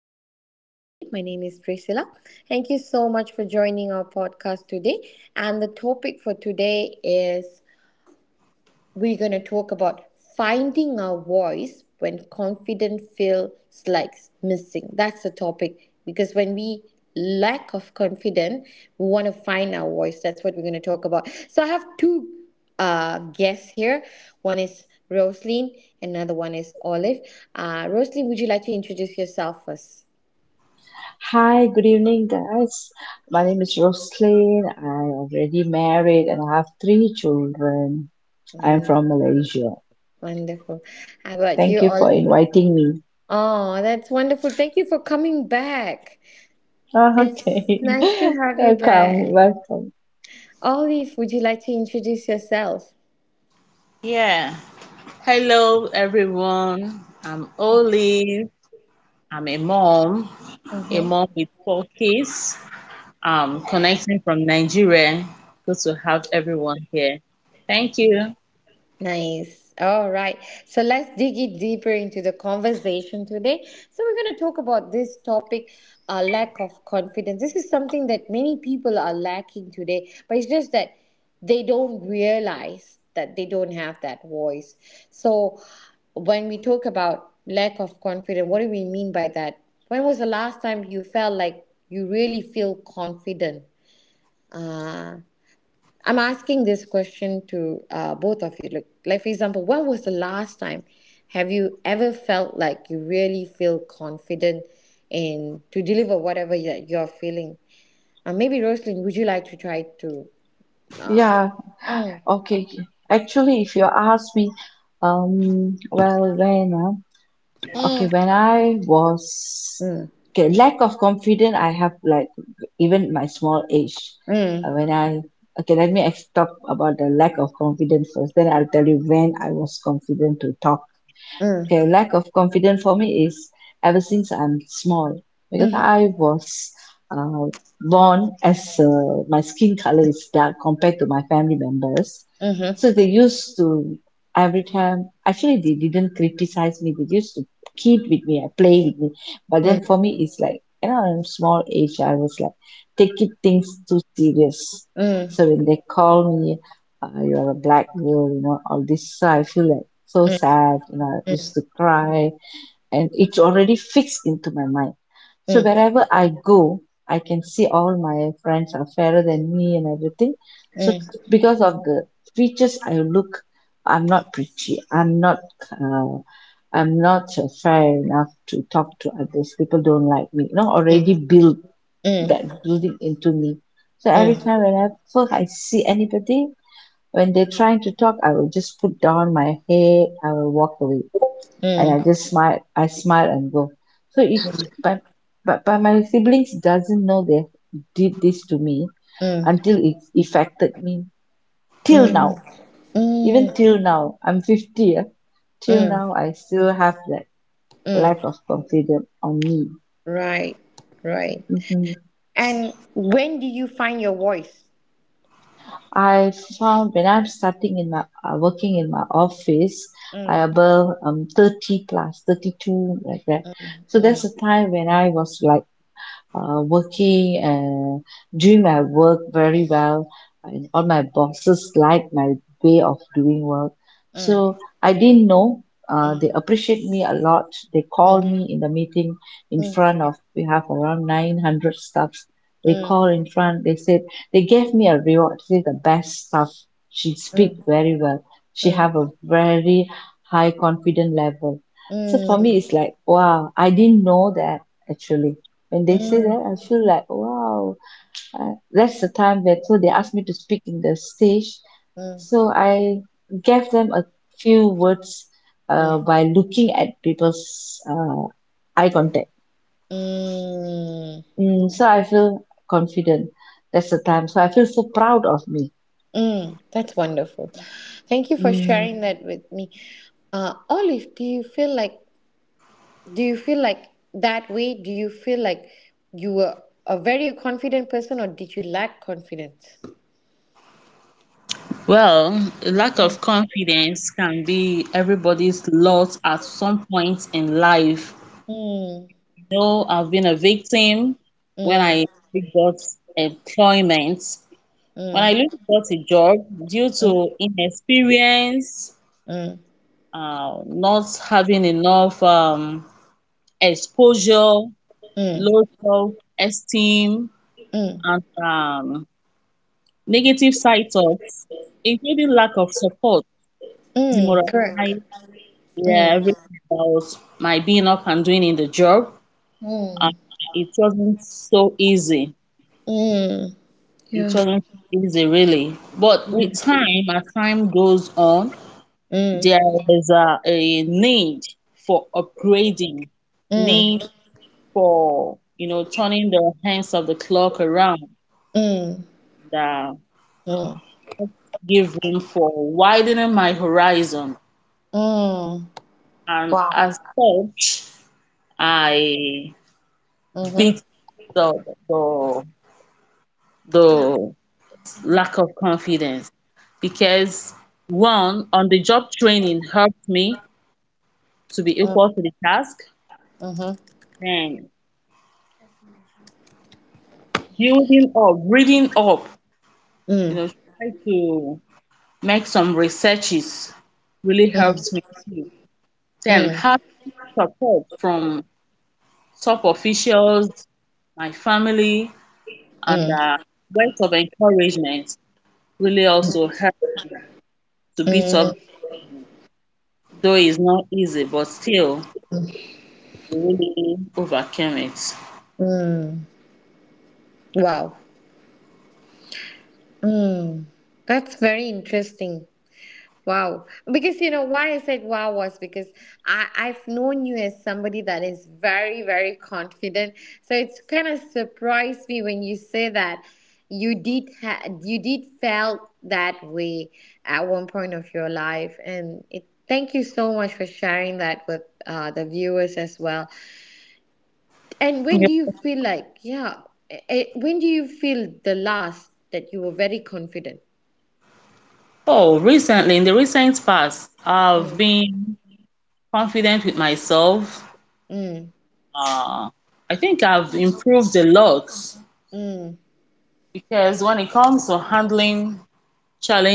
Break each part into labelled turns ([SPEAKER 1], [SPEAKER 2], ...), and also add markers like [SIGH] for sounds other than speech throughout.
[SPEAKER 1] your host today. My name is Priscilla. Thank you so much for joining our podcast today. And the topic for today is we're going to talk about finding our voice when confidence feels like missing. That's the topic because when we lack of confidence, we want to find our voice. That's what we're going to talk about. So I have two guests here. One is Rosaline, another one is Olive. Rosaline, would you like to introduce yourself first?
[SPEAKER 2] Hi, good evening, guys. My name is Roslyn. I'm already married and I have three children. I'm
[SPEAKER 1] Won-
[SPEAKER 2] from Malaysia.
[SPEAKER 1] Wonderful. How about
[SPEAKER 2] Thank
[SPEAKER 1] you,
[SPEAKER 2] you for
[SPEAKER 1] Olive?
[SPEAKER 2] inviting me.
[SPEAKER 1] Oh, that's wonderful. Thank you for coming back. It's
[SPEAKER 2] Okay.
[SPEAKER 1] nice to
[SPEAKER 2] [LAUGHS]
[SPEAKER 1] have you
[SPEAKER 2] Welcome,
[SPEAKER 1] back.
[SPEAKER 2] welcome.
[SPEAKER 1] Olive, would you like to introduce yourself?
[SPEAKER 3] Yeah. Hello, everyone. I'm Olive. I'm a
[SPEAKER 1] Mm-hmm.
[SPEAKER 3] mom with four kids. I'm connecting from Nigeria. Good to have everyone here. Thank you.
[SPEAKER 1] Nice. All right. So let's dig it deeper into the conversation today. So we're going to talk about this topic, lack of confidence. This is something that many people are lacking today, but it's just that they don't realize that they don't have that voice. So when we talk about lack of confidence, what do we mean by that? When was the last time you felt like you really feel confident? Uh, I'm asking this question to both of you. Like for example, when was the last time have you ever felt like you really feel confident in to deliver whatever that you're feeling? Maybe Rosalind, would you like to try to? Uh,
[SPEAKER 2] Yeah,
[SPEAKER 1] mm,
[SPEAKER 2] okay. Actually, if you ask me, well, when? Huh? Okay,
[SPEAKER 1] mm,
[SPEAKER 2] when I was
[SPEAKER 1] mm,
[SPEAKER 2] okay, lack of confidence, I have like even my small age.
[SPEAKER 1] mm,
[SPEAKER 2] When I okay, let me talk about the lack of confidence first. Then I'll tell you when I was confident to talk.
[SPEAKER 1] mm,
[SPEAKER 2] Okay, lack of confidence for me is ever since I'm small because
[SPEAKER 1] mhm,
[SPEAKER 2] I was uh, born as my skin color is dark compared to my family members.
[SPEAKER 1] mhm,
[SPEAKER 2] So they used to, every time, actually they didn't criticize me. They used to kid with me, play with me. But then for
[SPEAKER 1] mm,
[SPEAKER 2] me, it's like I'm small age. I was like taking things too serious.
[SPEAKER 1] mm, mm, mm, mm,
[SPEAKER 2] So
[SPEAKER 1] mm,
[SPEAKER 2] when they call me, you're a black girl, all this. So I feel like so
[SPEAKER 1] mm, mm, mm, mm, mm,
[SPEAKER 2] sad and I used to cry, and it's already fixed into my mind. So wherever I go, I can see all my friends are fairer than me and everything. So because of the features I look, I'm not pretty. I'm not. Uh, I'm not fair enough to talk to others. People don't like me. You know, already build that building into me. So every time whenever I see anybody, when they're trying to talk, I will just put down my head. I will walk away and I just smile and go. So it, but but my siblings doesn't know they did this to me until it affected me till now.
[SPEAKER 1] mm,
[SPEAKER 2] Even till now I'm 50, ah,
[SPEAKER 1] mm,
[SPEAKER 2] till
[SPEAKER 1] mm.
[SPEAKER 2] now
[SPEAKER 1] mm.
[SPEAKER 2] I still have that lack of confidence on me.
[SPEAKER 1] Right, right.
[SPEAKER 2] Mhm.
[SPEAKER 1] And when did you find your voice?
[SPEAKER 2] I found when I'm starting in my working in my office, I
[SPEAKER 1] Mm,
[SPEAKER 2] above 30 plus 32 like that. So
[SPEAKER 1] mm,
[SPEAKER 2] that's the time when I was like working and doing my work very well, and all my bosses liked my way of doing work.
[SPEAKER 1] mm,
[SPEAKER 2] So I didn't know.
[SPEAKER 1] mm,
[SPEAKER 2] They appreciate me a lot. They call
[SPEAKER 1] mm,
[SPEAKER 2] me in the meeting in front
[SPEAKER 1] mm,
[SPEAKER 2] of, we have around 900 staffs. They
[SPEAKER 1] mm,
[SPEAKER 2] call
[SPEAKER 1] mm,
[SPEAKER 2] in front. They said they gave me a reward. She the best staff. She
[SPEAKER 1] mm,
[SPEAKER 2] speak
[SPEAKER 1] mm,
[SPEAKER 2] very well. She
[SPEAKER 1] mm,
[SPEAKER 2] have a very high confident level. So for me, it's like wow. I didn't know that actually when they say
[SPEAKER 1] mm,
[SPEAKER 2] that, I feel like, wow, that's the time that so they asked me to speak in the stage. So I gave them a few words
[SPEAKER 1] mm,
[SPEAKER 2] by looking at people's eye contact.
[SPEAKER 1] mm,
[SPEAKER 2] Mm, so I feel confident. That's the time. So I feel so proud of me.
[SPEAKER 1] mm. That's wonderful. Thank you for
[SPEAKER 2] Mm,
[SPEAKER 1] sharing that with me. Olive, do you feel like that way? Do you feel like you were a very confident person or did you lack confidence?
[SPEAKER 3] Well, a lack of confidence can be everybody's lot at some point in life.
[SPEAKER 1] Mm,
[SPEAKER 3] You know, I've been a victim when I
[SPEAKER 1] mm,
[SPEAKER 3] got employment. When I look
[SPEAKER 1] mm,
[SPEAKER 3] got a job due
[SPEAKER 1] mm,
[SPEAKER 3] to
[SPEAKER 1] mm,
[SPEAKER 3] inexperience,
[SPEAKER 1] mm,
[SPEAKER 3] not having enough exposure,
[SPEAKER 1] mm.
[SPEAKER 3] low self-esteem,
[SPEAKER 1] mm.
[SPEAKER 3] and negative side thoughts, including lack of support,
[SPEAKER 1] Mm, correct.
[SPEAKER 3] demoralized, yeah,
[SPEAKER 1] Mm,
[SPEAKER 3] everything about my being up and doing in the job. Uh,
[SPEAKER 1] mm,
[SPEAKER 3] it wasn't so easy.
[SPEAKER 1] mm,
[SPEAKER 3] It
[SPEAKER 1] yeah.
[SPEAKER 3] wasn't easy, really. But with
[SPEAKER 1] Mm,
[SPEAKER 3] time, as time goes on,
[SPEAKER 1] mm,
[SPEAKER 3] there is a need for upgrading, need
[SPEAKER 1] mm,
[SPEAKER 3] for you know turning the hands of the clock around
[SPEAKER 1] mm,
[SPEAKER 3] and, give room for widening my horizon,
[SPEAKER 1] mm.
[SPEAKER 3] and
[SPEAKER 1] Wow.
[SPEAKER 3] as such I
[SPEAKER 1] Mm-hmm.
[SPEAKER 3] beat the the, the lack of confidence because one on the job training helped me to be
[SPEAKER 1] Mm,
[SPEAKER 3] equal to the task,
[SPEAKER 1] mm-hmm.
[SPEAKER 3] and building up, reading up, you
[SPEAKER 1] Mm,
[SPEAKER 3] know, try to make some researches really helped me too. Then
[SPEAKER 1] mm,
[SPEAKER 3] having support from top officials, my family, and
[SPEAKER 1] mm, mm,
[SPEAKER 3] words of encouragement really also helped to beat
[SPEAKER 1] mm,
[SPEAKER 3] up, though it's not easy, but still we really overcame it.
[SPEAKER 1] mm. Wow. That's very interesting. Wow. Because you know why I said wow was because I've known you as somebody that is very, very confident. So it's kind of surprised me when you say that you did you did felt that way at one point of your life. And it, thank you so much for sharing that with the viewers as well. And when
[SPEAKER 3] Yeah.
[SPEAKER 1] do you feel like, yeah, when do you feel the last that you were very confident?
[SPEAKER 3] Oh, recently, in the recent past, I've been confident with myself.
[SPEAKER 1] Mm,
[SPEAKER 3] Uh, I think I've improved a lot
[SPEAKER 1] mm,
[SPEAKER 3] because when it comes to handling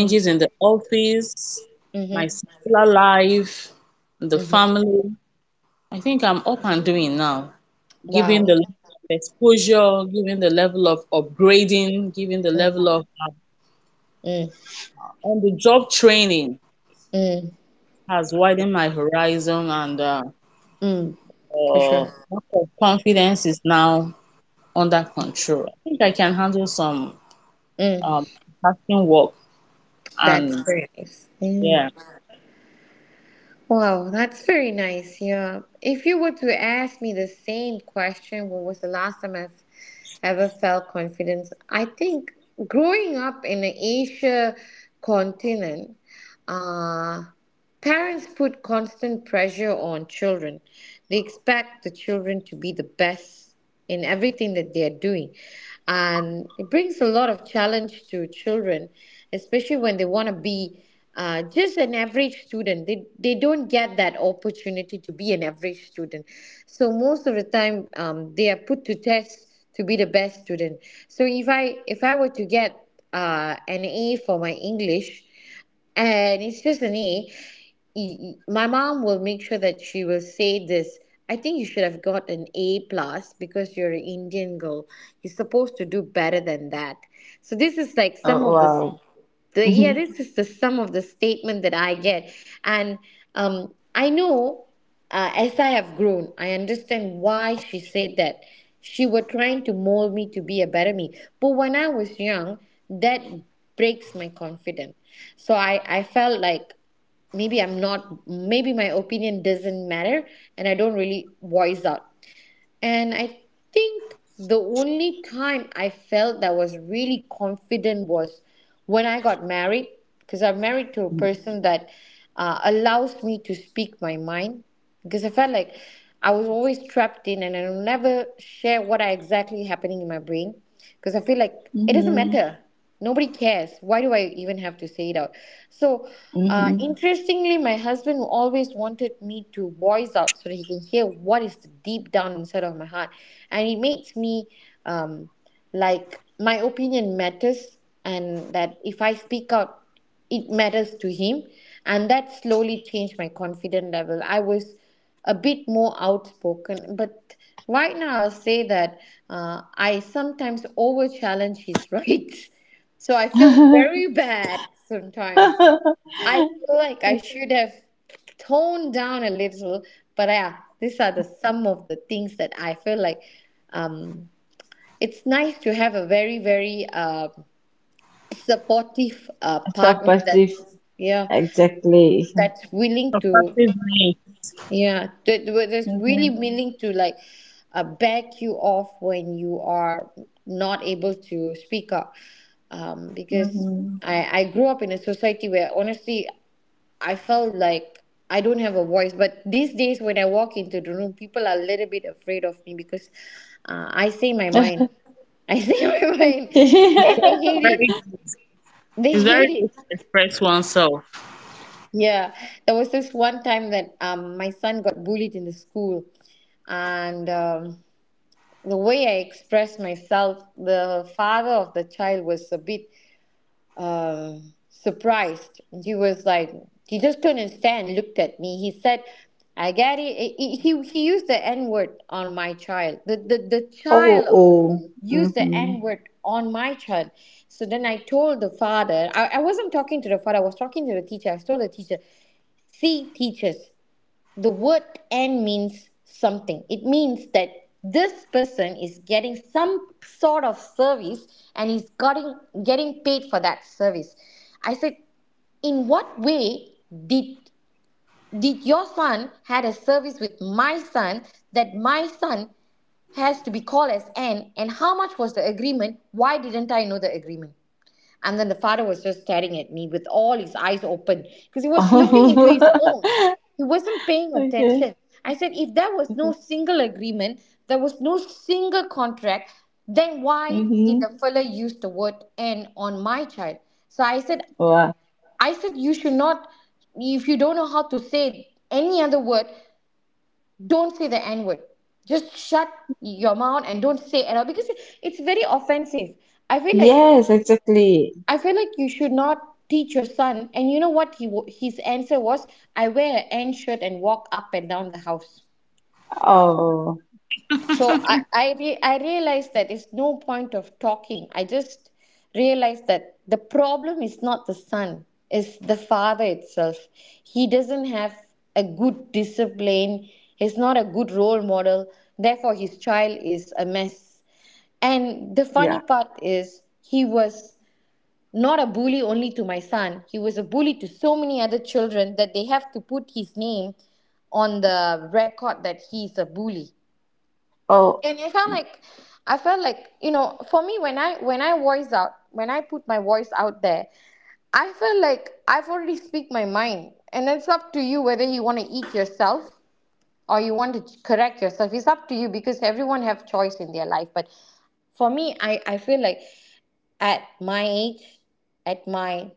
[SPEAKER 1] mm,
[SPEAKER 3] in the office, my
[SPEAKER 1] mm-hmm,
[SPEAKER 3] secular life, the
[SPEAKER 1] mm-hmm.
[SPEAKER 3] family. I think I'm up and doing now, given the
[SPEAKER 1] Wow.
[SPEAKER 3] level of exposure, given the level of upgrading, given the
[SPEAKER 1] Mm,
[SPEAKER 3] level of
[SPEAKER 1] mm,
[SPEAKER 3] on the job training
[SPEAKER 1] mm,
[SPEAKER 3] has widened my horizon, and
[SPEAKER 1] mm, for sure.
[SPEAKER 3] lack of confidence is now under control. I think I can handle some um,
[SPEAKER 1] Mm,
[SPEAKER 3] tasking work
[SPEAKER 1] that's
[SPEAKER 3] and
[SPEAKER 1] very nice. Yeah.
[SPEAKER 3] yeah,
[SPEAKER 1] Wow, that's very nice. Yeah. If you were to ask me the same question, when was the last time I've ever felt confidence? I think growing up in the Asia continent, uh, parents put constant pressure on children. They expect the children to be the best in everything that they are doing. And it brings a lot of challenge to children, especially when they want to be just an average student. They don't get that opportunity to be an average student. So most of the time, they are put to test to be the best student. So if I were to get an A for my English, and it's just an A knee. My mom will make sure that she will say this. I think you should have got an A plus because you're an Indian girl. You're supposed to do better than that. So this is like some
[SPEAKER 2] oh,
[SPEAKER 1] of the
[SPEAKER 2] wow.
[SPEAKER 1] yeah,
[SPEAKER 2] [LAUGHS]
[SPEAKER 1] this is the sum of the statement that I get. And I know, as I have grown, I understand why she said that. She were trying to mold me to be a better me, but when I was young, that breaks my confidence. So I felt like maybe I'm not, maybe my opinion doesn't matter, and I don't really voice out. And I think the only time I felt that was really confident was when I got married, because I'm married to a person that allows me to speak my mind. Because I felt like I was always trapped in, and I never share what I exactly happening in my brain, because I feel like it doesn't
[SPEAKER 2] Mm-hmm.
[SPEAKER 1] matter, nobody cares, why do I even have to say it out? So
[SPEAKER 2] Mm-hmm.
[SPEAKER 1] interestingly, my husband always wanted me to voice out so that he can hear what is deep down inside of my heart, and it makes me um, like my opinion matters, and that if I speak out, it matters to him, and that slowly changed my confidence level. I was a bit more outspoken, but right now I'll say that I sometimes over challenge his [LAUGHS] rights. So I feel
[SPEAKER 2] [LAUGHS] Mm-hmm.
[SPEAKER 1] very bad sometimes. I feel like I should have toned down a little, but yeah, these are the some of the things that I feel like, um, it's nice to have a very, very supportive
[SPEAKER 2] Stop
[SPEAKER 1] partner
[SPEAKER 2] passive.
[SPEAKER 1] that's, yeah,
[SPEAKER 2] Exactly.
[SPEAKER 1] that's willing
[SPEAKER 3] so
[SPEAKER 1] to,
[SPEAKER 3] practice makes
[SPEAKER 1] yeah, that was just really
[SPEAKER 2] Mm-hmm.
[SPEAKER 1] willing to like back you off when you are not able to speak up. Because
[SPEAKER 2] Mm-hmm.
[SPEAKER 1] I grew up in a society where honestly I felt like I don't have a voice. But these days when I walk into the room, people are a little bit afraid of me because I say my mind. I say [LAUGHS] my mind,
[SPEAKER 2] Okay.
[SPEAKER 1] and they
[SPEAKER 2] [LAUGHS]
[SPEAKER 1] hate it.
[SPEAKER 3] very.
[SPEAKER 1] They
[SPEAKER 3] It's
[SPEAKER 1] hate
[SPEAKER 3] very good
[SPEAKER 1] it.
[SPEAKER 3] to express oneself. [LAUGHS]
[SPEAKER 1] Yeah, there was this one time that my son got bullied in the school, and the way I expressed myself, the father of the child was a bit surprised. He was like, he just turned and stand, looked at me. He said, "I get it." He used the N word on my child. The
[SPEAKER 2] Oh,
[SPEAKER 1] child
[SPEAKER 2] oh.
[SPEAKER 1] use the
[SPEAKER 2] Mm-hmm.
[SPEAKER 1] N word on my child. So then I told the father, I wasn't talking to the father, I was talking to the teacher. I told the teacher, see, teachers, the word "and" means something. It means that this person is getting some sort of service and is getting paid for that service. I said, in what way did your son had a service with my son that my son has to be called as N, and how much was the agreement? Why didn't I know the agreement? And then the father was just staring at me with all his eyes open because he was looking into his phone. He wasn't
[SPEAKER 2] [LAUGHS]
[SPEAKER 1] paying
[SPEAKER 2] Okay.
[SPEAKER 1] attention. I said, if there was no single agreement, there was no single contract, then why did
[SPEAKER 2] Mm-hmm.
[SPEAKER 1] the fella use the word "and" on my child? So
[SPEAKER 2] Wow.
[SPEAKER 1] I said, you should not, if you don't know how to say any other word, don't say the N word, just shut your mouth and don't say it at all because it's very offensive. I feel like
[SPEAKER 2] Yes, exactly.
[SPEAKER 1] I feel like you should not teach your son. And you know what he his answer was? I wear an N shirt and walk up and down the house.
[SPEAKER 2] Oh,
[SPEAKER 1] So I realized that it's no point of talking. I just realized that the problem is not the son, it's the father itself. He doesn't have a good discipline. He's not a good role model. Therefore, his child is a mess. And the
[SPEAKER 2] yeah.
[SPEAKER 1] funny part is, he was not a bully only to my son, he was a bully to so many other children that they have to put his name on the record that he's a bully.
[SPEAKER 2] Oh,
[SPEAKER 1] And I felt like, you know, for me when I voice out, when I put my voice out there, I feel like I've already speak my mind, and it's up to you whether you want to eat yourself or you want to correct yourself. It's up to you because everyone have choice in their life. But for me, I feel like at my age, at my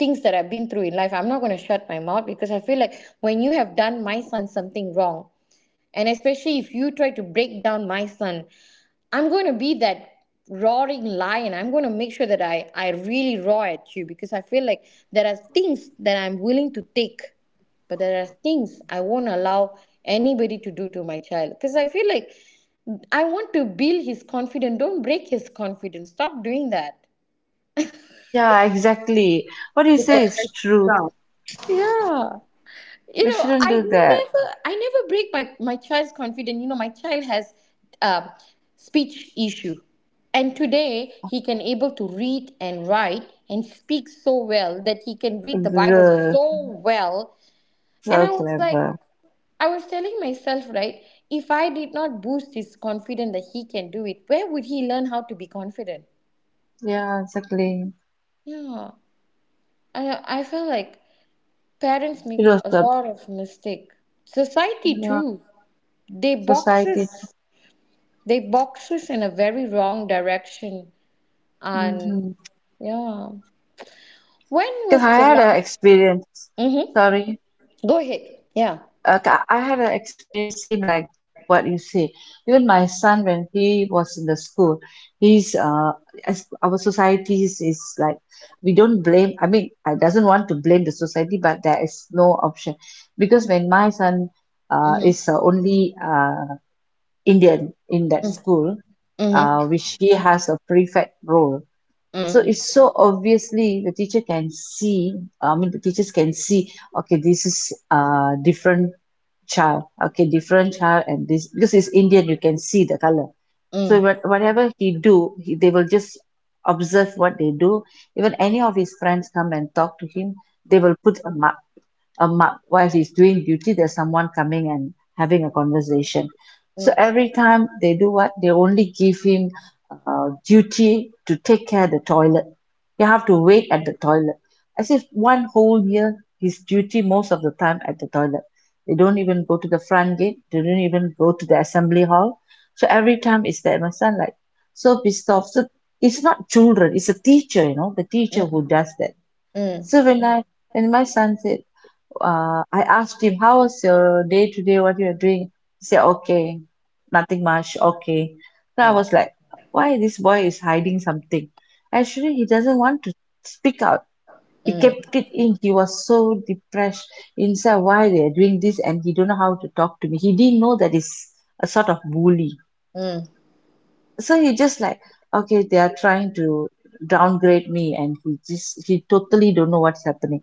[SPEAKER 1] things that I've been through in life, I'm not going to shut my mouth because I feel like when you have done my son something wrong, and especially if you try to break down my son, I'm going to be that roaring lion. I'm going to make sure that I really roar at you because I feel like there are things that I'm willing to take, but there are things I won't allow anybody to do to my child because I feel like I want to build his confidence. Don't break his confidence. Stop doing that.
[SPEAKER 2] yeah, exactly. What
[SPEAKER 3] To
[SPEAKER 2] you say is
[SPEAKER 3] protect
[SPEAKER 2] true.
[SPEAKER 3] yourself.
[SPEAKER 1] Yeah.
[SPEAKER 2] They shouldn't
[SPEAKER 1] I
[SPEAKER 2] do that.
[SPEAKER 1] never break my child's confidence. You know, my child has um, speech issue, and today he can able to read and write and speak so well that he can read the Bible
[SPEAKER 2] Girl,
[SPEAKER 1] so well. And
[SPEAKER 2] so
[SPEAKER 1] I was like,
[SPEAKER 2] clever.
[SPEAKER 1] I was telling myself, right, if I did not boost his confidence that he can do it, where would he learn how to be confident?
[SPEAKER 2] Yeah, exactly.
[SPEAKER 1] Yeah. I feel like parents
[SPEAKER 2] It
[SPEAKER 1] make
[SPEAKER 2] was
[SPEAKER 1] a
[SPEAKER 2] the,
[SPEAKER 1] lot of mistake. Society
[SPEAKER 2] yeah,
[SPEAKER 1] too. They
[SPEAKER 2] society.
[SPEAKER 1] boxes. They box us in a very wrong direction. And
[SPEAKER 2] Mm-hmm.
[SPEAKER 1] yeah. When
[SPEAKER 2] Because I
[SPEAKER 1] was the
[SPEAKER 2] had
[SPEAKER 1] last?
[SPEAKER 2] an experience.
[SPEAKER 1] Mm-hmm.
[SPEAKER 2] Sorry.
[SPEAKER 1] Go ahead. Yeah.
[SPEAKER 2] Okay, I had an experience same like what you say. Even my son, when he was in the school, he's as our society is like, we don't blame. I mean, I doesn't want to blame the society, but there is no option because when my son is
[SPEAKER 1] Mm-hmm.
[SPEAKER 2] only Indian in that school,
[SPEAKER 1] Mm-hmm.
[SPEAKER 2] which he has a prefect role. So
[SPEAKER 1] Mm.
[SPEAKER 2] it's so obviously the teacher can see, I mean, the teachers can see, okay, this is different child, okay, different child, and this because it's Indian, you can see the color. So
[SPEAKER 1] Mm.
[SPEAKER 2] what whatever he do, he, they will just observe what they do. Even any of his friends come and talk to him, they will put a mug, while he's doing duty there's someone coming and having a conversation. So
[SPEAKER 1] Mm.
[SPEAKER 2] every time they do, what they only give him duty to take care of the toilet. You have to wait at the toilet, as if one whole year his duty most of the time at the toilet. They don't even go to the front gate, they don't even go to the assembly hall. So every time it's that my son like so pissed off. So it's not children, it's a teacher, you know, the teacher who does that.
[SPEAKER 1] Mm. Mm. Mm.
[SPEAKER 2] So when my son said, I asked him, how was your day today? What you are doing? He said, okay, nothing much. Okay. So I was like, why this boy is hiding something? Actually, he doesn't want to speak out. He kept it in. He was so depressed inside why they are doing this, and he don't know how to talk to me. He didn't know that he's a sort of bully.
[SPEAKER 1] Mm. Mm.
[SPEAKER 2] So he just like, okay, they are trying to downgrade me, and he just, he totally don't know what's happening.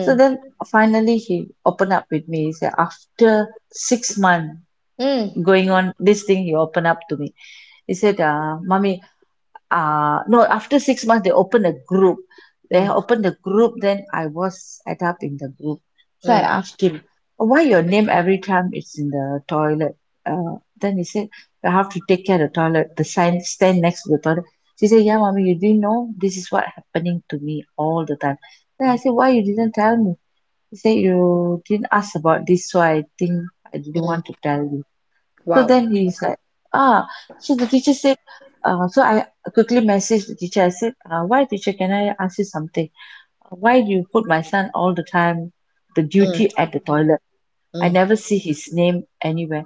[SPEAKER 2] So then finally he opened up with me. He said after 6 months
[SPEAKER 1] Mm.
[SPEAKER 2] going on this thing he opened up to me. He said, uh, mommy, no, after 6 months they opened a group,
[SPEAKER 1] Mm.
[SPEAKER 2] then I was tied up in the group. So I
[SPEAKER 1] Mm.
[SPEAKER 2] asked him, "Oh, why your name every time it's in the toilet?" Uh, then he said, you have to take care of the toilet, the sign stand next to the toilet. She said, yeah, mommy, you didn't know this is what happening to me all the time. Then I said, why you didn't tell me? He said, you didn't ask about this, so I think I didn't
[SPEAKER 1] Mm.
[SPEAKER 2] want to tell you. So
[SPEAKER 1] Wow.
[SPEAKER 2] then he's like, ah. So the teacher said, I quickly messaged the teacher. I said, why teacher, can I ask you something? Why do you put my son all the time the
[SPEAKER 1] Mm.
[SPEAKER 2] duty at the toilet? I
[SPEAKER 1] Mm.
[SPEAKER 2] never see his name anywhere.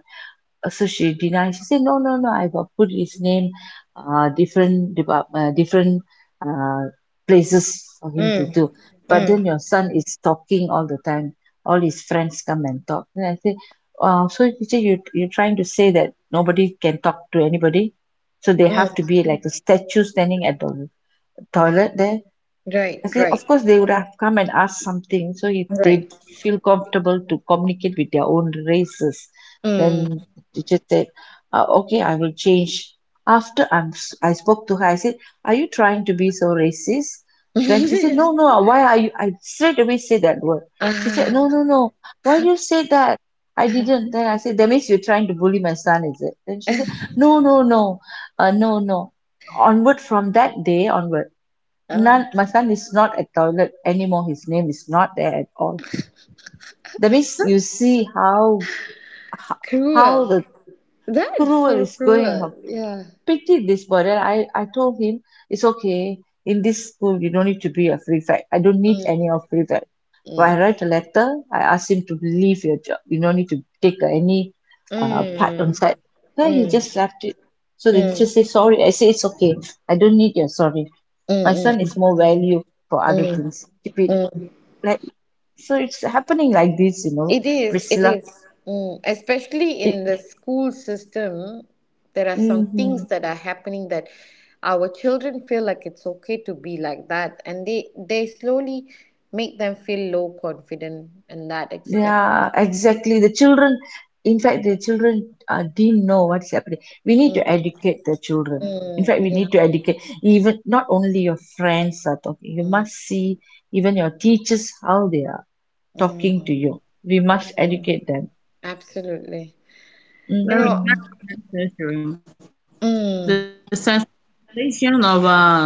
[SPEAKER 2] So she denied. She said, "No, no, no. I've put his name, different uh, places for him to
[SPEAKER 1] Mm.
[SPEAKER 2] do." But
[SPEAKER 1] Mm.
[SPEAKER 2] then your son is talking all the time. All his friends come and talk. Then I say, "So teacher, you're trying to say that nobody can talk to anybody, so they have to
[SPEAKER 1] Mm.
[SPEAKER 2] be like a statue standing at the toilet there?"
[SPEAKER 1] Right.
[SPEAKER 2] I say,
[SPEAKER 1] Right.
[SPEAKER 2] of course, they would have come and asked something. So if they
[SPEAKER 1] Right.
[SPEAKER 2] feel comfortable to communicate with their own races, then
[SPEAKER 1] Mm.
[SPEAKER 2] the teacher said, okay, I will change. I spoke to her, I said, are you trying to be so racist? Then she said, no,
[SPEAKER 1] [LAUGHS]
[SPEAKER 2] no, why are you? I straight away say that word. She said,
[SPEAKER 1] Ah.
[SPEAKER 2] no, no, no, why you say that? I didn't. Then I said, that means you're trying to bully my son, is it? Then she said,
[SPEAKER 1] [LAUGHS]
[SPEAKER 2] no, no, no, no, no. Onward from that day onward, none
[SPEAKER 1] Ah.
[SPEAKER 2] my son is not at toilet anymore, his name is not there at all. That means you see how, how, how
[SPEAKER 1] Cruel.
[SPEAKER 2] the
[SPEAKER 1] That is
[SPEAKER 2] cruel
[SPEAKER 1] so
[SPEAKER 2] is going, how
[SPEAKER 1] cruel. Yeah.
[SPEAKER 2] pity this boy. Then I told him, it's okay, in this school you don't need to be a prefect, I don't need
[SPEAKER 1] Mm.
[SPEAKER 2] any of prefect. When I
[SPEAKER 1] Mm.
[SPEAKER 2] write a letter, I ask him to leave your job, you don't need to take any part on
[SPEAKER 1] Mm.
[SPEAKER 2] side. Then he
[SPEAKER 1] Mm,
[SPEAKER 2] just left it. So they just
[SPEAKER 1] mm,
[SPEAKER 2] say sorry, I say it's okay, I don't need your sorry. My
[SPEAKER 1] mm,
[SPEAKER 2] son
[SPEAKER 1] mm,
[SPEAKER 2] is more value, for other
[SPEAKER 1] mm,
[SPEAKER 2] things keep it.
[SPEAKER 1] mm.
[SPEAKER 2] Let. So it's happening like this, you know,
[SPEAKER 1] It is, it
[SPEAKER 2] Priscilla.
[SPEAKER 1] is. Mm. Especially
[SPEAKER 2] It,
[SPEAKER 1] in the school system, there are some
[SPEAKER 2] hmm.
[SPEAKER 1] things that are happening that our children feel like it's okay to be like that, and they slowly make them feel low confident in that aspect.
[SPEAKER 2] Yeah, exactly. The children, in fact, the children didn't know what's happening. We need to educate the children. In fact,
[SPEAKER 1] Mm,
[SPEAKER 2] we
[SPEAKER 1] yeah,
[SPEAKER 2] need to educate, even not only your friends are talking. You
[SPEAKER 1] mm,
[SPEAKER 2] must see even your teachers how they are talking
[SPEAKER 1] mm,
[SPEAKER 2] to you. We must educate them.
[SPEAKER 1] absolutely. You
[SPEAKER 3] Very,
[SPEAKER 1] know,
[SPEAKER 2] Hmm.
[SPEAKER 3] very necessary. The
[SPEAKER 1] mm,
[SPEAKER 3] sensitization of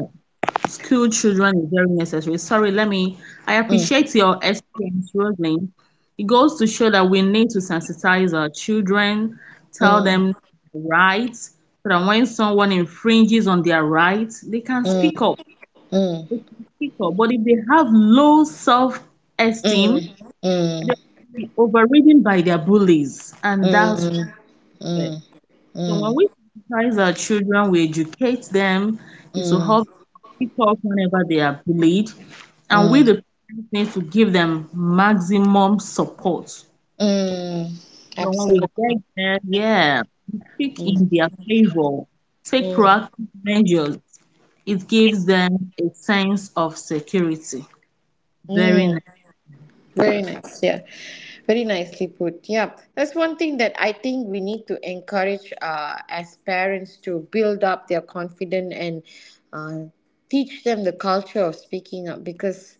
[SPEAKER 3] school children is very necessary. Sorry, let me. I appreciate your
[SPEAKER 1] mm,
[SPEAKER 3] experience, Rosalind. It goes to show that we need to sensitize our children, tell
[SPEAKER 1] mm,
[SPEAKER 3] them their rights, so that when someone infringes on their rights, they can
[SPEAKER 1] mm,
[SPEAKER 3] speak up.
[SPEAKER 1] mm,
[SPEAKER 3] They can speak up. But if they have low self esteem,
[SPEAKER 1] mm, mm,
[SPEAKER 3] they
[SPEAKER 1] mm,
[SPEAKER 3] will overridden by their bullies, and that's
[SPEAKER 1] mm,
[SPEAKER 3] fair.
[SPEAKER 1] mm.
[SPEAKER 3] So when
[SPEAKER 1] Mm.
[SPEAKER 3] we sensitize our children, we educate them. It will help
[SPEAKER 1] Mm.
[SPEAKER 3] pick up whenever they are bullied, and we
[SPEAKER 1] Mm.
[SPEAKER 3] the parents need to give them maximum support. So
[SPEAKER 1] Mm.
[SPEAKER 3] when we
[SPEAKER 1] Absolutely.
[SPEAKER 3] get there, yeah, we speak
[SPEAKER 1] Mm.
[SPEAKER 3] in their favor, take
[SPEAKER 1] Mm.
[SPEAKER 3] proactive measures. It gives them a sense of security. Very nice.
[SPEAKER 1] Mm. Very nice. Yeah. Very nicely put. Yeah. That's one thing that I think we need to encourage as parents to build up their confidence and uh, teach them the culture of speaking up, because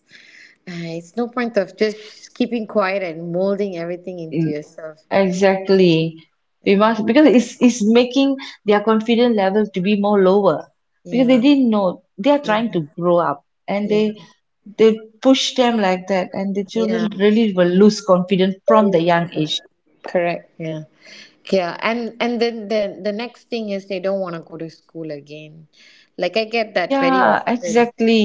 [SPEAKER 1] it's no point of just keeping quiet and molding everything into yourself. Yeah.
[SPEAKER 2] Exactly. We
[SPEAKER 1] Yeah.
[SPEAKER 2] must, because it's making their confidence level to be more lower because they
[SPEAKER 1] Yeah.
[SPEAKER 2] didn't know, they are
[SPEAKER 1] Yeah.
[SPEAKER 2] trying to grow up and
[SPEAKER 1] Yeah.
[SPEAKER 2] they push them like that, and the
[SPEAKER 1] Yeah.
[SPEAKER 2] children really will lose confidence from the young age.
[SPEAKER 1] Correct. Yeah. Yeah, and then the next thing is they don't want to go to school again. Like I get that very
[SPEAKER 2] Yeah,
[SPEAKER 1] often.
[SPEAKER 2] exactly.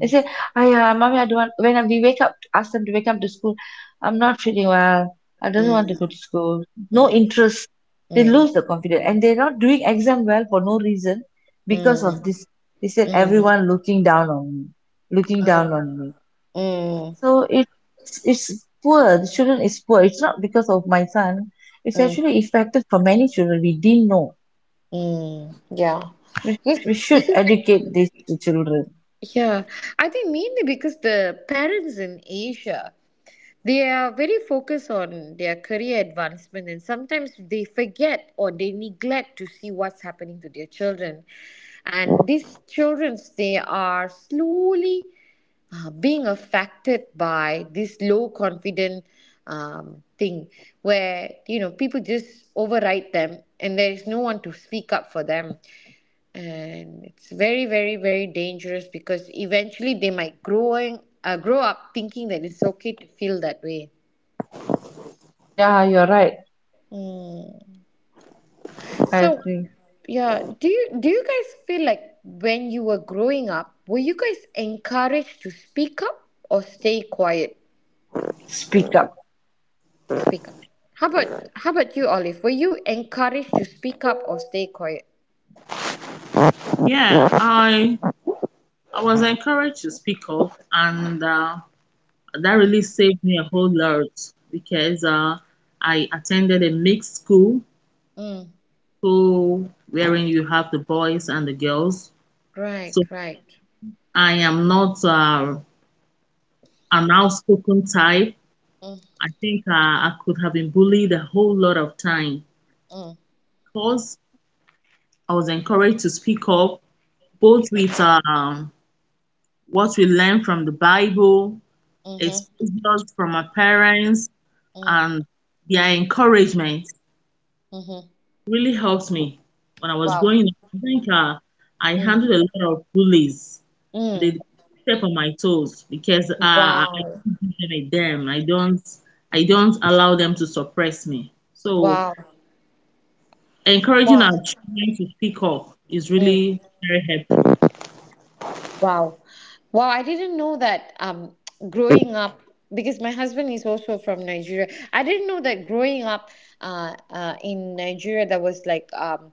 [SPEAKER 2] They say, "Aya, mommy, I don't want." When we wake up, ask them to wake up to school. I'm not feeling well. I don't want to
[SPEAKER 1] mm,
[SPEAKER 2] go to school. No
[SPEAKER 1] mm,
[SPEAKER 2] interest. They
[SPEAKER 1] mm,
[SPEAKER 2] lose the confidence, and they're not doing exam well for no reason because of
[SPEAKER 1] mm,
[SPEAKER 2] this. They said
[SPEAKER 1] mm,
[SPEAKER 2] everyone looking down on me, looking down
[SPEAKER 1] mm,
[SPEAKER 2] on me.
[SPEAKER 1] mm,
[SPEAKER 2] So it's poor. The children is poor. It's not because of my son. It's
[SPEAKER 1] mm,
[SPEAKER 2] actually effective for many children. We didn't know.
[SPEAKER 1] mm. Yeah.
[SPEAKER 2] We,
[SPEAKER 1] Yes,
[SPEAKER 2] we should educate these children.
[SPEAKER 1] yeah. I think mainly because the parents in Asia. They are very focused on their career advancement, and sometimes they forget or they neglect to see what's happening to their children. And these children, they are slowly being affected by this low confident thing where you know people just override them and there is no one to speak up for them, and it's very, very very dangerous because eventually they might growing grow up thinking that it's okay to feel that way.
[SPEAKER 2] Yeah, you're right.
[SPEAKER 1] Mm.
[SPEAKER 2] I
[SPEAKER 1] So,
[SPEAKER 2] see.
[SPEAKER 1] yeah, do you guys feel like when you were growing up, were you guys encouraged to speak up or stay quiet?
[SPEAKER 2] Speak up.
[SPEAKER 1] Speak up. How about you, Olive? Were you encouraged to speak up or stay quiet?
[SPEAKER 3] Yeah, I was encouraged to speak up, and that really
[SPEAKER 1] Mm.
[SPEAKER 3] saved me a whole lot because I attended a mixed school,
[SPEAKER 1] Mm.
[SPEAKER 3] so wherein you have the boys and the girls.
[SPEAKER 1] Right,
[SPEAKER 3] So
[SPEAKER 1] right.
[SPEAKER 3] I am not an outspoken type.
[SPEAKER 1] Mm,
[SPEAKER 3] I think I could have been bullied a whole lot of time
[SPEAKER 1] mm,
[SPEAKER 3] because I was encouraged to speak up, both with what we learn from the Bible,
[SPEAKER 1] mm-hmm,
[SPEAKER 3] exposures from our parents,
[SPEAKER 1] mm,
[SPEAKER 3] and their encouragement.
[SPEAKER 1] mm-hmm.
[SPEAKER 3] Really helped me when I was
[SPEAKER 1] Wow.
[SPEAKER 3] growing up. I think I
[SPEAKER 1] Mm,
[SPEAKER 3] handled a lot of bullies. They
[SPEAKER 1] mm.
[SPEAKER 3] step on my toes because uh, I
[SPEAKER 1] Wow.
[SPEAKER 3] don't give them a damn. I don't allow them to suppress me. So
[SPEAKER 1] Wow.
[SPEAKER 3] encouraging our
[SPEAKER 1] Wow.
[SPEAKER 3] children to speak up is
[SPEAKER 1] Mm.
[SPEAKER 3] really very helpful.
[SPEAKER 1] Wow. Wow, I didn't know that [TSK] growing up, because my husband is also from Nigeria. I didn't know that growing up in Nigeria there was like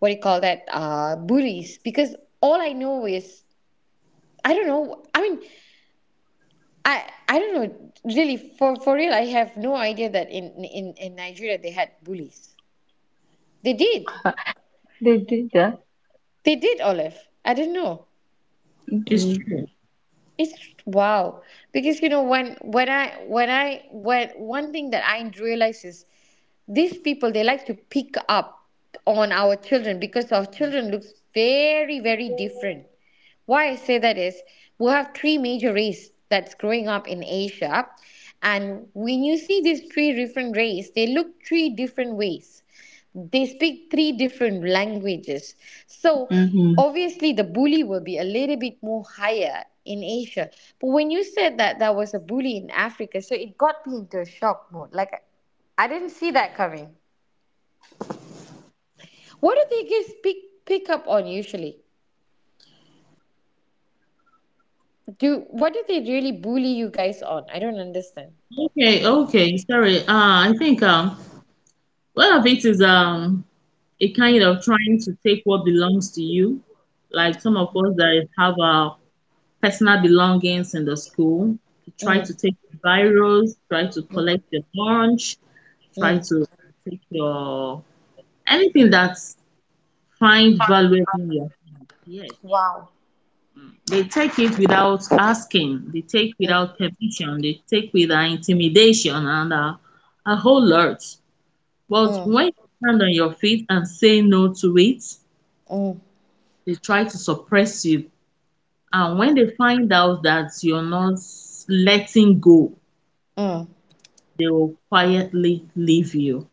[SPEAKER 1] what do you call that, bullies, because all I know is I don't know. I mean, I don't know, really, for real, I have no idea that in Nigeria they had bullies. They did.
[SPEAKER 2] They did that.
[SPEAKER 1] They did, Olive. I didn't know.
[SPEAKER 3] It's
[SPEAKER 2] Hmm.
[SPEAKER 3] true.
[SPEAKER 1] It's wow, because you know, when when I when one thing that I realize is these people, they like to pick up on our children because our children looks very, very different. Why I say that is we have three major race that's growing up in Asia, and when you see these three different race, they look three different ways, they speak three different languages. So
[SPEAKER 2] Hmm.
[SPEAKER 1] obviously the bully will be a little bit more higher in Asia. But when you said that there was a bully in Africa, so it got me into a shock mode. Like I didn't see that coming. What do they guys pick up on usually? Do what do they really bully you guys on? I don't understand.
[SPEAKER 3] Okay, okay. Sorry. I think one of it is a kind of trying to take what belongs to you. Like some of us that have personal belongings in the school. Try to
[SPEAKER 1] Mm,
[SPEAKER 3] take biros, try to collect your lunch, try to
[SPEAKER 1] mm.
[SPEAKER 3] take your anything that's find valuable in your hand. Yes.
[SPEAKER 1] Wow.
[SPEAKER 3] They take it without asking, they take
[SPEAKER 1] Mm,
[SPEAKER 3] without permission, they take with intimidation and a whole lot. But
[SPEAKER 1] mm,
[SPEAKER 3] when you stand on your feet and say no to it,
[SPEAKER 1] mm,
[SPEAKER 3] they try to suppress you. And when they find out that you're not letting go,
[SPEAKER 1] mm.
[SPEAKER 3] they will quietly leave you.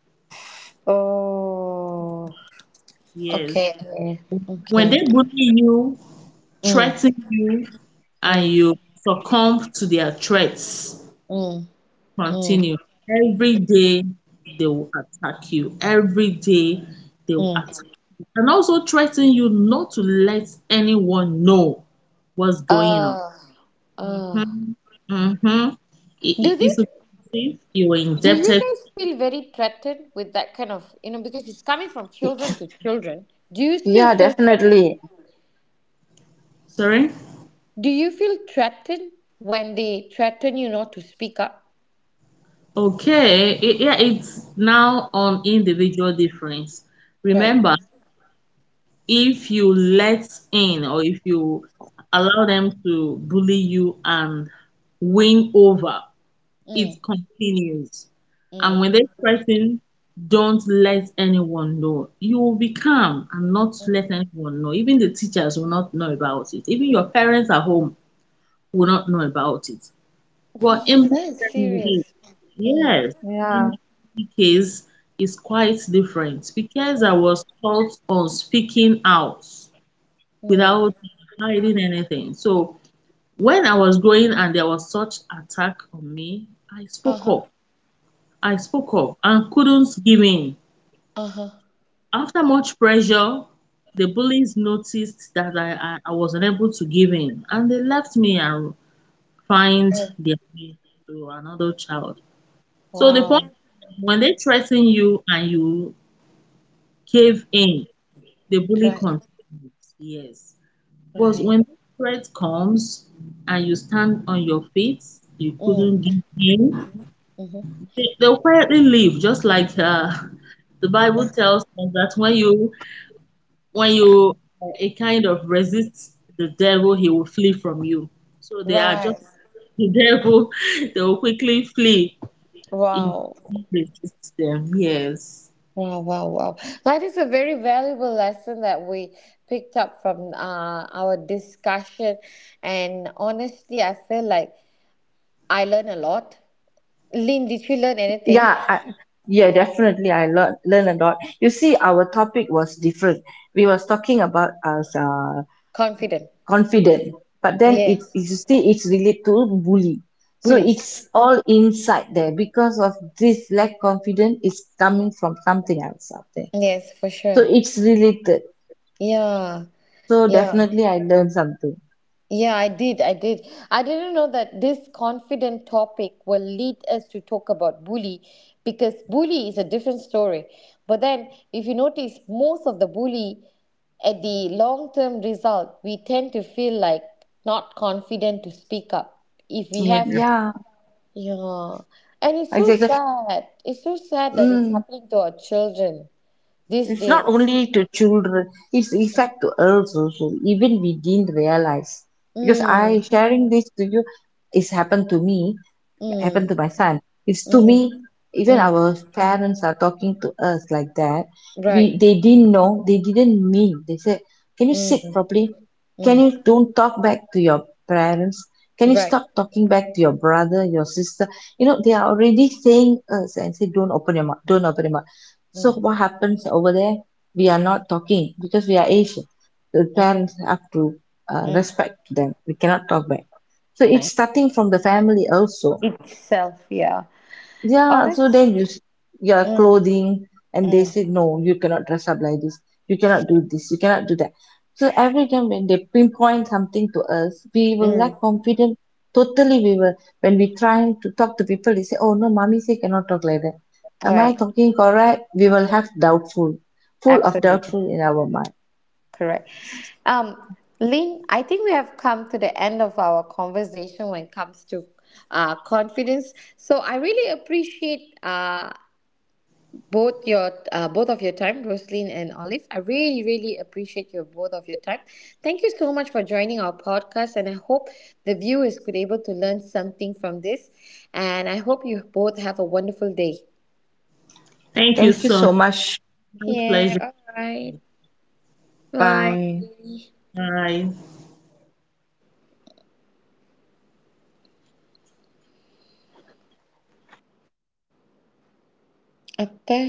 [SPEAKER 1] Oh,
[SPEAKER 3] Yes.
[SPEAKER 1] okay.
[SPEAKER 3] When they
[SPEAKER 1] Okay.
[SPEAKER 3] bully you,
[SPEAKER 1] Mm, mm,
[SPEAKER 3] threaten you, and
[SPEAKER 1] mm.
[SPEAKER 3] you succumb to their threats,
[SPEAKER 1] Mm. Mm,
[SPEAKER 3] continue. Every day they will attack you. Every day they will attack
[SPEAKER 1] mm.
[SPEAKER 3] you. And also threaten you not to let anyone know what's going on.
[SPEAKER 1] Uh, uh,
[SPEAKER 3] Mm-hmm. Mm-hmm.
[SPEAKER 1] do they?
[SPEAKER 3] It's abusive. You were
[SPEAKER 1] Do you
[SPEAKER 3] indebted.
[SPEAKER 1] guys feel very threatened with that kind of, you know, because it's coming from children to children? Do you still
[SPEAKER 2] Yeah,
[SPEAKER 1] feel threatened?
[SPEAKER 2] definitely.
[SPEAKER 3] Sorry?
[SPEAKER 1] Do you feel threatened when they threaten you not to speak up?
[SPEAKER 3] Okay, yeah, it's now on individual difference.
[SPEAKER 1] Right.
[SPEAKER 3] Remember, if you let in or if you allow them to bully you and win over, it
[SPEAKER 1] Mm,
[SPEAKER 3] continues. And when
[SPEAKER 1] mm.
[SPEAKER 3] they threaten, don't let anyone know. You will be calm and not let anyone know. Even the teachers will not know about it. Even your parents at home will not know about it. Well, in
[SPEAKER 1] Oh, that
[SPEAKER 3] Burger
[SPEAKER 1] is
[SPEAKER 2] Y-
[SPEAKER 3] case,
[SPEAKER 1] serious. Mm,
[SPEAKER 3] yes,
[SPEAKER 2] Yeah.
[SPEAKER 3] in Bangladesh case is quite different because I
[SPEAKER 1] mm,
[SPEAKER 3] was taught on speaking out
[SPEAKER 1] mm.
[SPEAKER 3] without hiding anything. So when I was growing and there was such attack on me, I
[SPEAKER 1] Uh
[SPEAKER 3] spoke
[SPEAKER 1] huh.
[SPEAKER 3] up. I spoke up and couldn't give in.
[SPEAKER 1] Uh huh.
[SPEAKER 3] After much pressure, the bullies noticed that I was unable to give in, and they left me and find their way to another child. So the point
[SPEAKER 1] Wow.
[SPEAKER 3] when they threaten you and you cave in, the bully
[SPEAKER 1] Right.
[SPEAKER 3] continues. Yes. But
[SPEAKER 1] Right.
[SPEAKER 3] when the threat comes and you stand on your feet, you couldn't
[SPEAKER 1] Mm,
[SPEAKER 3] give in,
[SPEAKER 1] mm-hmm.
[SPEAKER 3] they'll quietly leave, just like [LAUGHS] the Bible tells us that when you a kind of resist the devil, he will flee from you. So they are just
[SPEAKER 1] Right.
[SPEAKER 3] [LAUGHS] the devil, they will quickly flee if
[SPEAKER 1] Wow.
[SPEAKER 3] you resist them. Yes.
[SPEAKER 1] Wow, wow, wow. That is a very valuable lesson that we picked up from our discussion. And honestly, I feel like I learned a lot. Lynn, did you learn anything?
[SPEAKER 2] Yeah, I, yeah, definitely. I learn a lot. You see, our topic was different. We was talking about as
[SPEAKER 1] Confident.
[SPEAKER 2] confident, but then it,
[SPEAKER 1] Yes.
[SPEAKER 2] you see, it's related to bully. So
[SPEAKER 1] Buddhist.
[SPEAKER 2] it's all inside there because of this lack confidence is coming from something else out there.
[SPEAKER 1] Yes, for
[SPEAKER 2] So
[SPEAKER 1] sure.
[SPEAKER 2] it's related.
[SPEAKER 1] Yeah,
[SPEAKER 2] So
[SPEAKER 1] yeah.
[SPEAKER 2] definitely, I learned something.
[SPEAKER 1] Yeah, I did. I did. I didn't know that this confident topic will lead us to talk about bully, because bully is a different story. But then, if you notice, most of the bully at the long term result, we tend to feel like not confident to speak up. If we
[SPEAKER 3] Yeah.
[SPEAKER 1] have,
[SPEAKER 2] Yeah,
[SPEAKER 1] yeah. And it's so
[SPEAKER 2] exactly.
[SPEAKER 1] sad. It's so sad that it's
[SPEAKER 2] Mm,
[SPEAKER 1] happening to our children these
[SPEAKER 2] it's
[SPEAKER 1] days.
[SPEAKER 2] not only to children, it's effect to us also, even we didn't realize. Because
[SPEAKER 1] Mm,
[SPEAKER 2] I sharing this to you, it's happened to me, happened
[SPEAKER 1] mm,
[SPEAKER 2] to my son, it's to
[SPEAKER 1] mm,
[SPEAKER 2] me. Even
[SPEAKER 1] mm.
[SPEAKER 2] our parents are talking to us like that.
[SPEAKER 1] Right.
[SPEAKER 2] We, they didn't know, they didn't mean. They said, can you sit
[SPEAKER 1] Mm,
[SPEAKER 2] properly, can you
[SPEAKER 1] mm.
[SPEAKER 2] don't talk back to your parents, can you
[SPEAKER 1] Right.
[SPEAKER 2] stop talking back to your brother your sister. You know, they are already saying us and say, don't open your mouth, don't open your mouth. So
[SPEAKER 1] Mm,
[SPEAKER 2] what happens over there, we are not talking because we are Asian. The
[SPEAKER 1] mm,
[SPEAKER 2] parents have to
[SPEAKER 1] mm.
[SPEAKER 2] respect them, we cannot talk back. So it's
[SPEAKER 1] Nice.
[SPEAKER 2] starting from the family also.
[SPEAKER 1] Self, yeah.
[SPEAKER 2] Yeah,
[SPEAKER 1] Honest.
[SPEAKER 2] so they use your
[SPEAKER 1] Mm,
[SPEAKER 2] clothing and they
[SPEAKER 1] mm,
[SPEAKER 2] say, no, you cannot dress up like this. You cannot do this. You cannot do that. So every time when they pinpoint something to us, we will lack
[SPEAKER 1] mm.
[SPEAKER 2] confidence. Totally, we will. When we trying to talk to people, they say, oh no, mommy say cannot talk like that. Am I
[SPEAKER 1] Right.
[SPEAKER 2] talking correct? We will have doubtful, full of
[SPEAKER 1] Absolutely.
[SPEAKER 2] doubtful in our mind.
[SPEAKER 1] Correct. Um, Lynn, I think we have come to the end of our conversation when it comes to confidence. So I really appreciate both your both of your time, Rosaline and Olive. I really, really appreciate your both of your time. Thank you so much for joining our podcast, and I hope the viewers could able to learn something from this, and I hope you both have a wonderful day.
[SPEAKER 3] Thank you
[SPEAKER 2] Thank you
[SPEAKER 3] so much.
[SPEAKER 2] so much.
[SPEAKER 3] My
[SPEAKER 1] Yeah.
[SPEAKER 3] pleasure.
[SPEAKER 1] All right. Bye.
[SPEAKER 2] Bye.
[SPEAKER 3] Bye.
[SPEAKER 1] அத்தை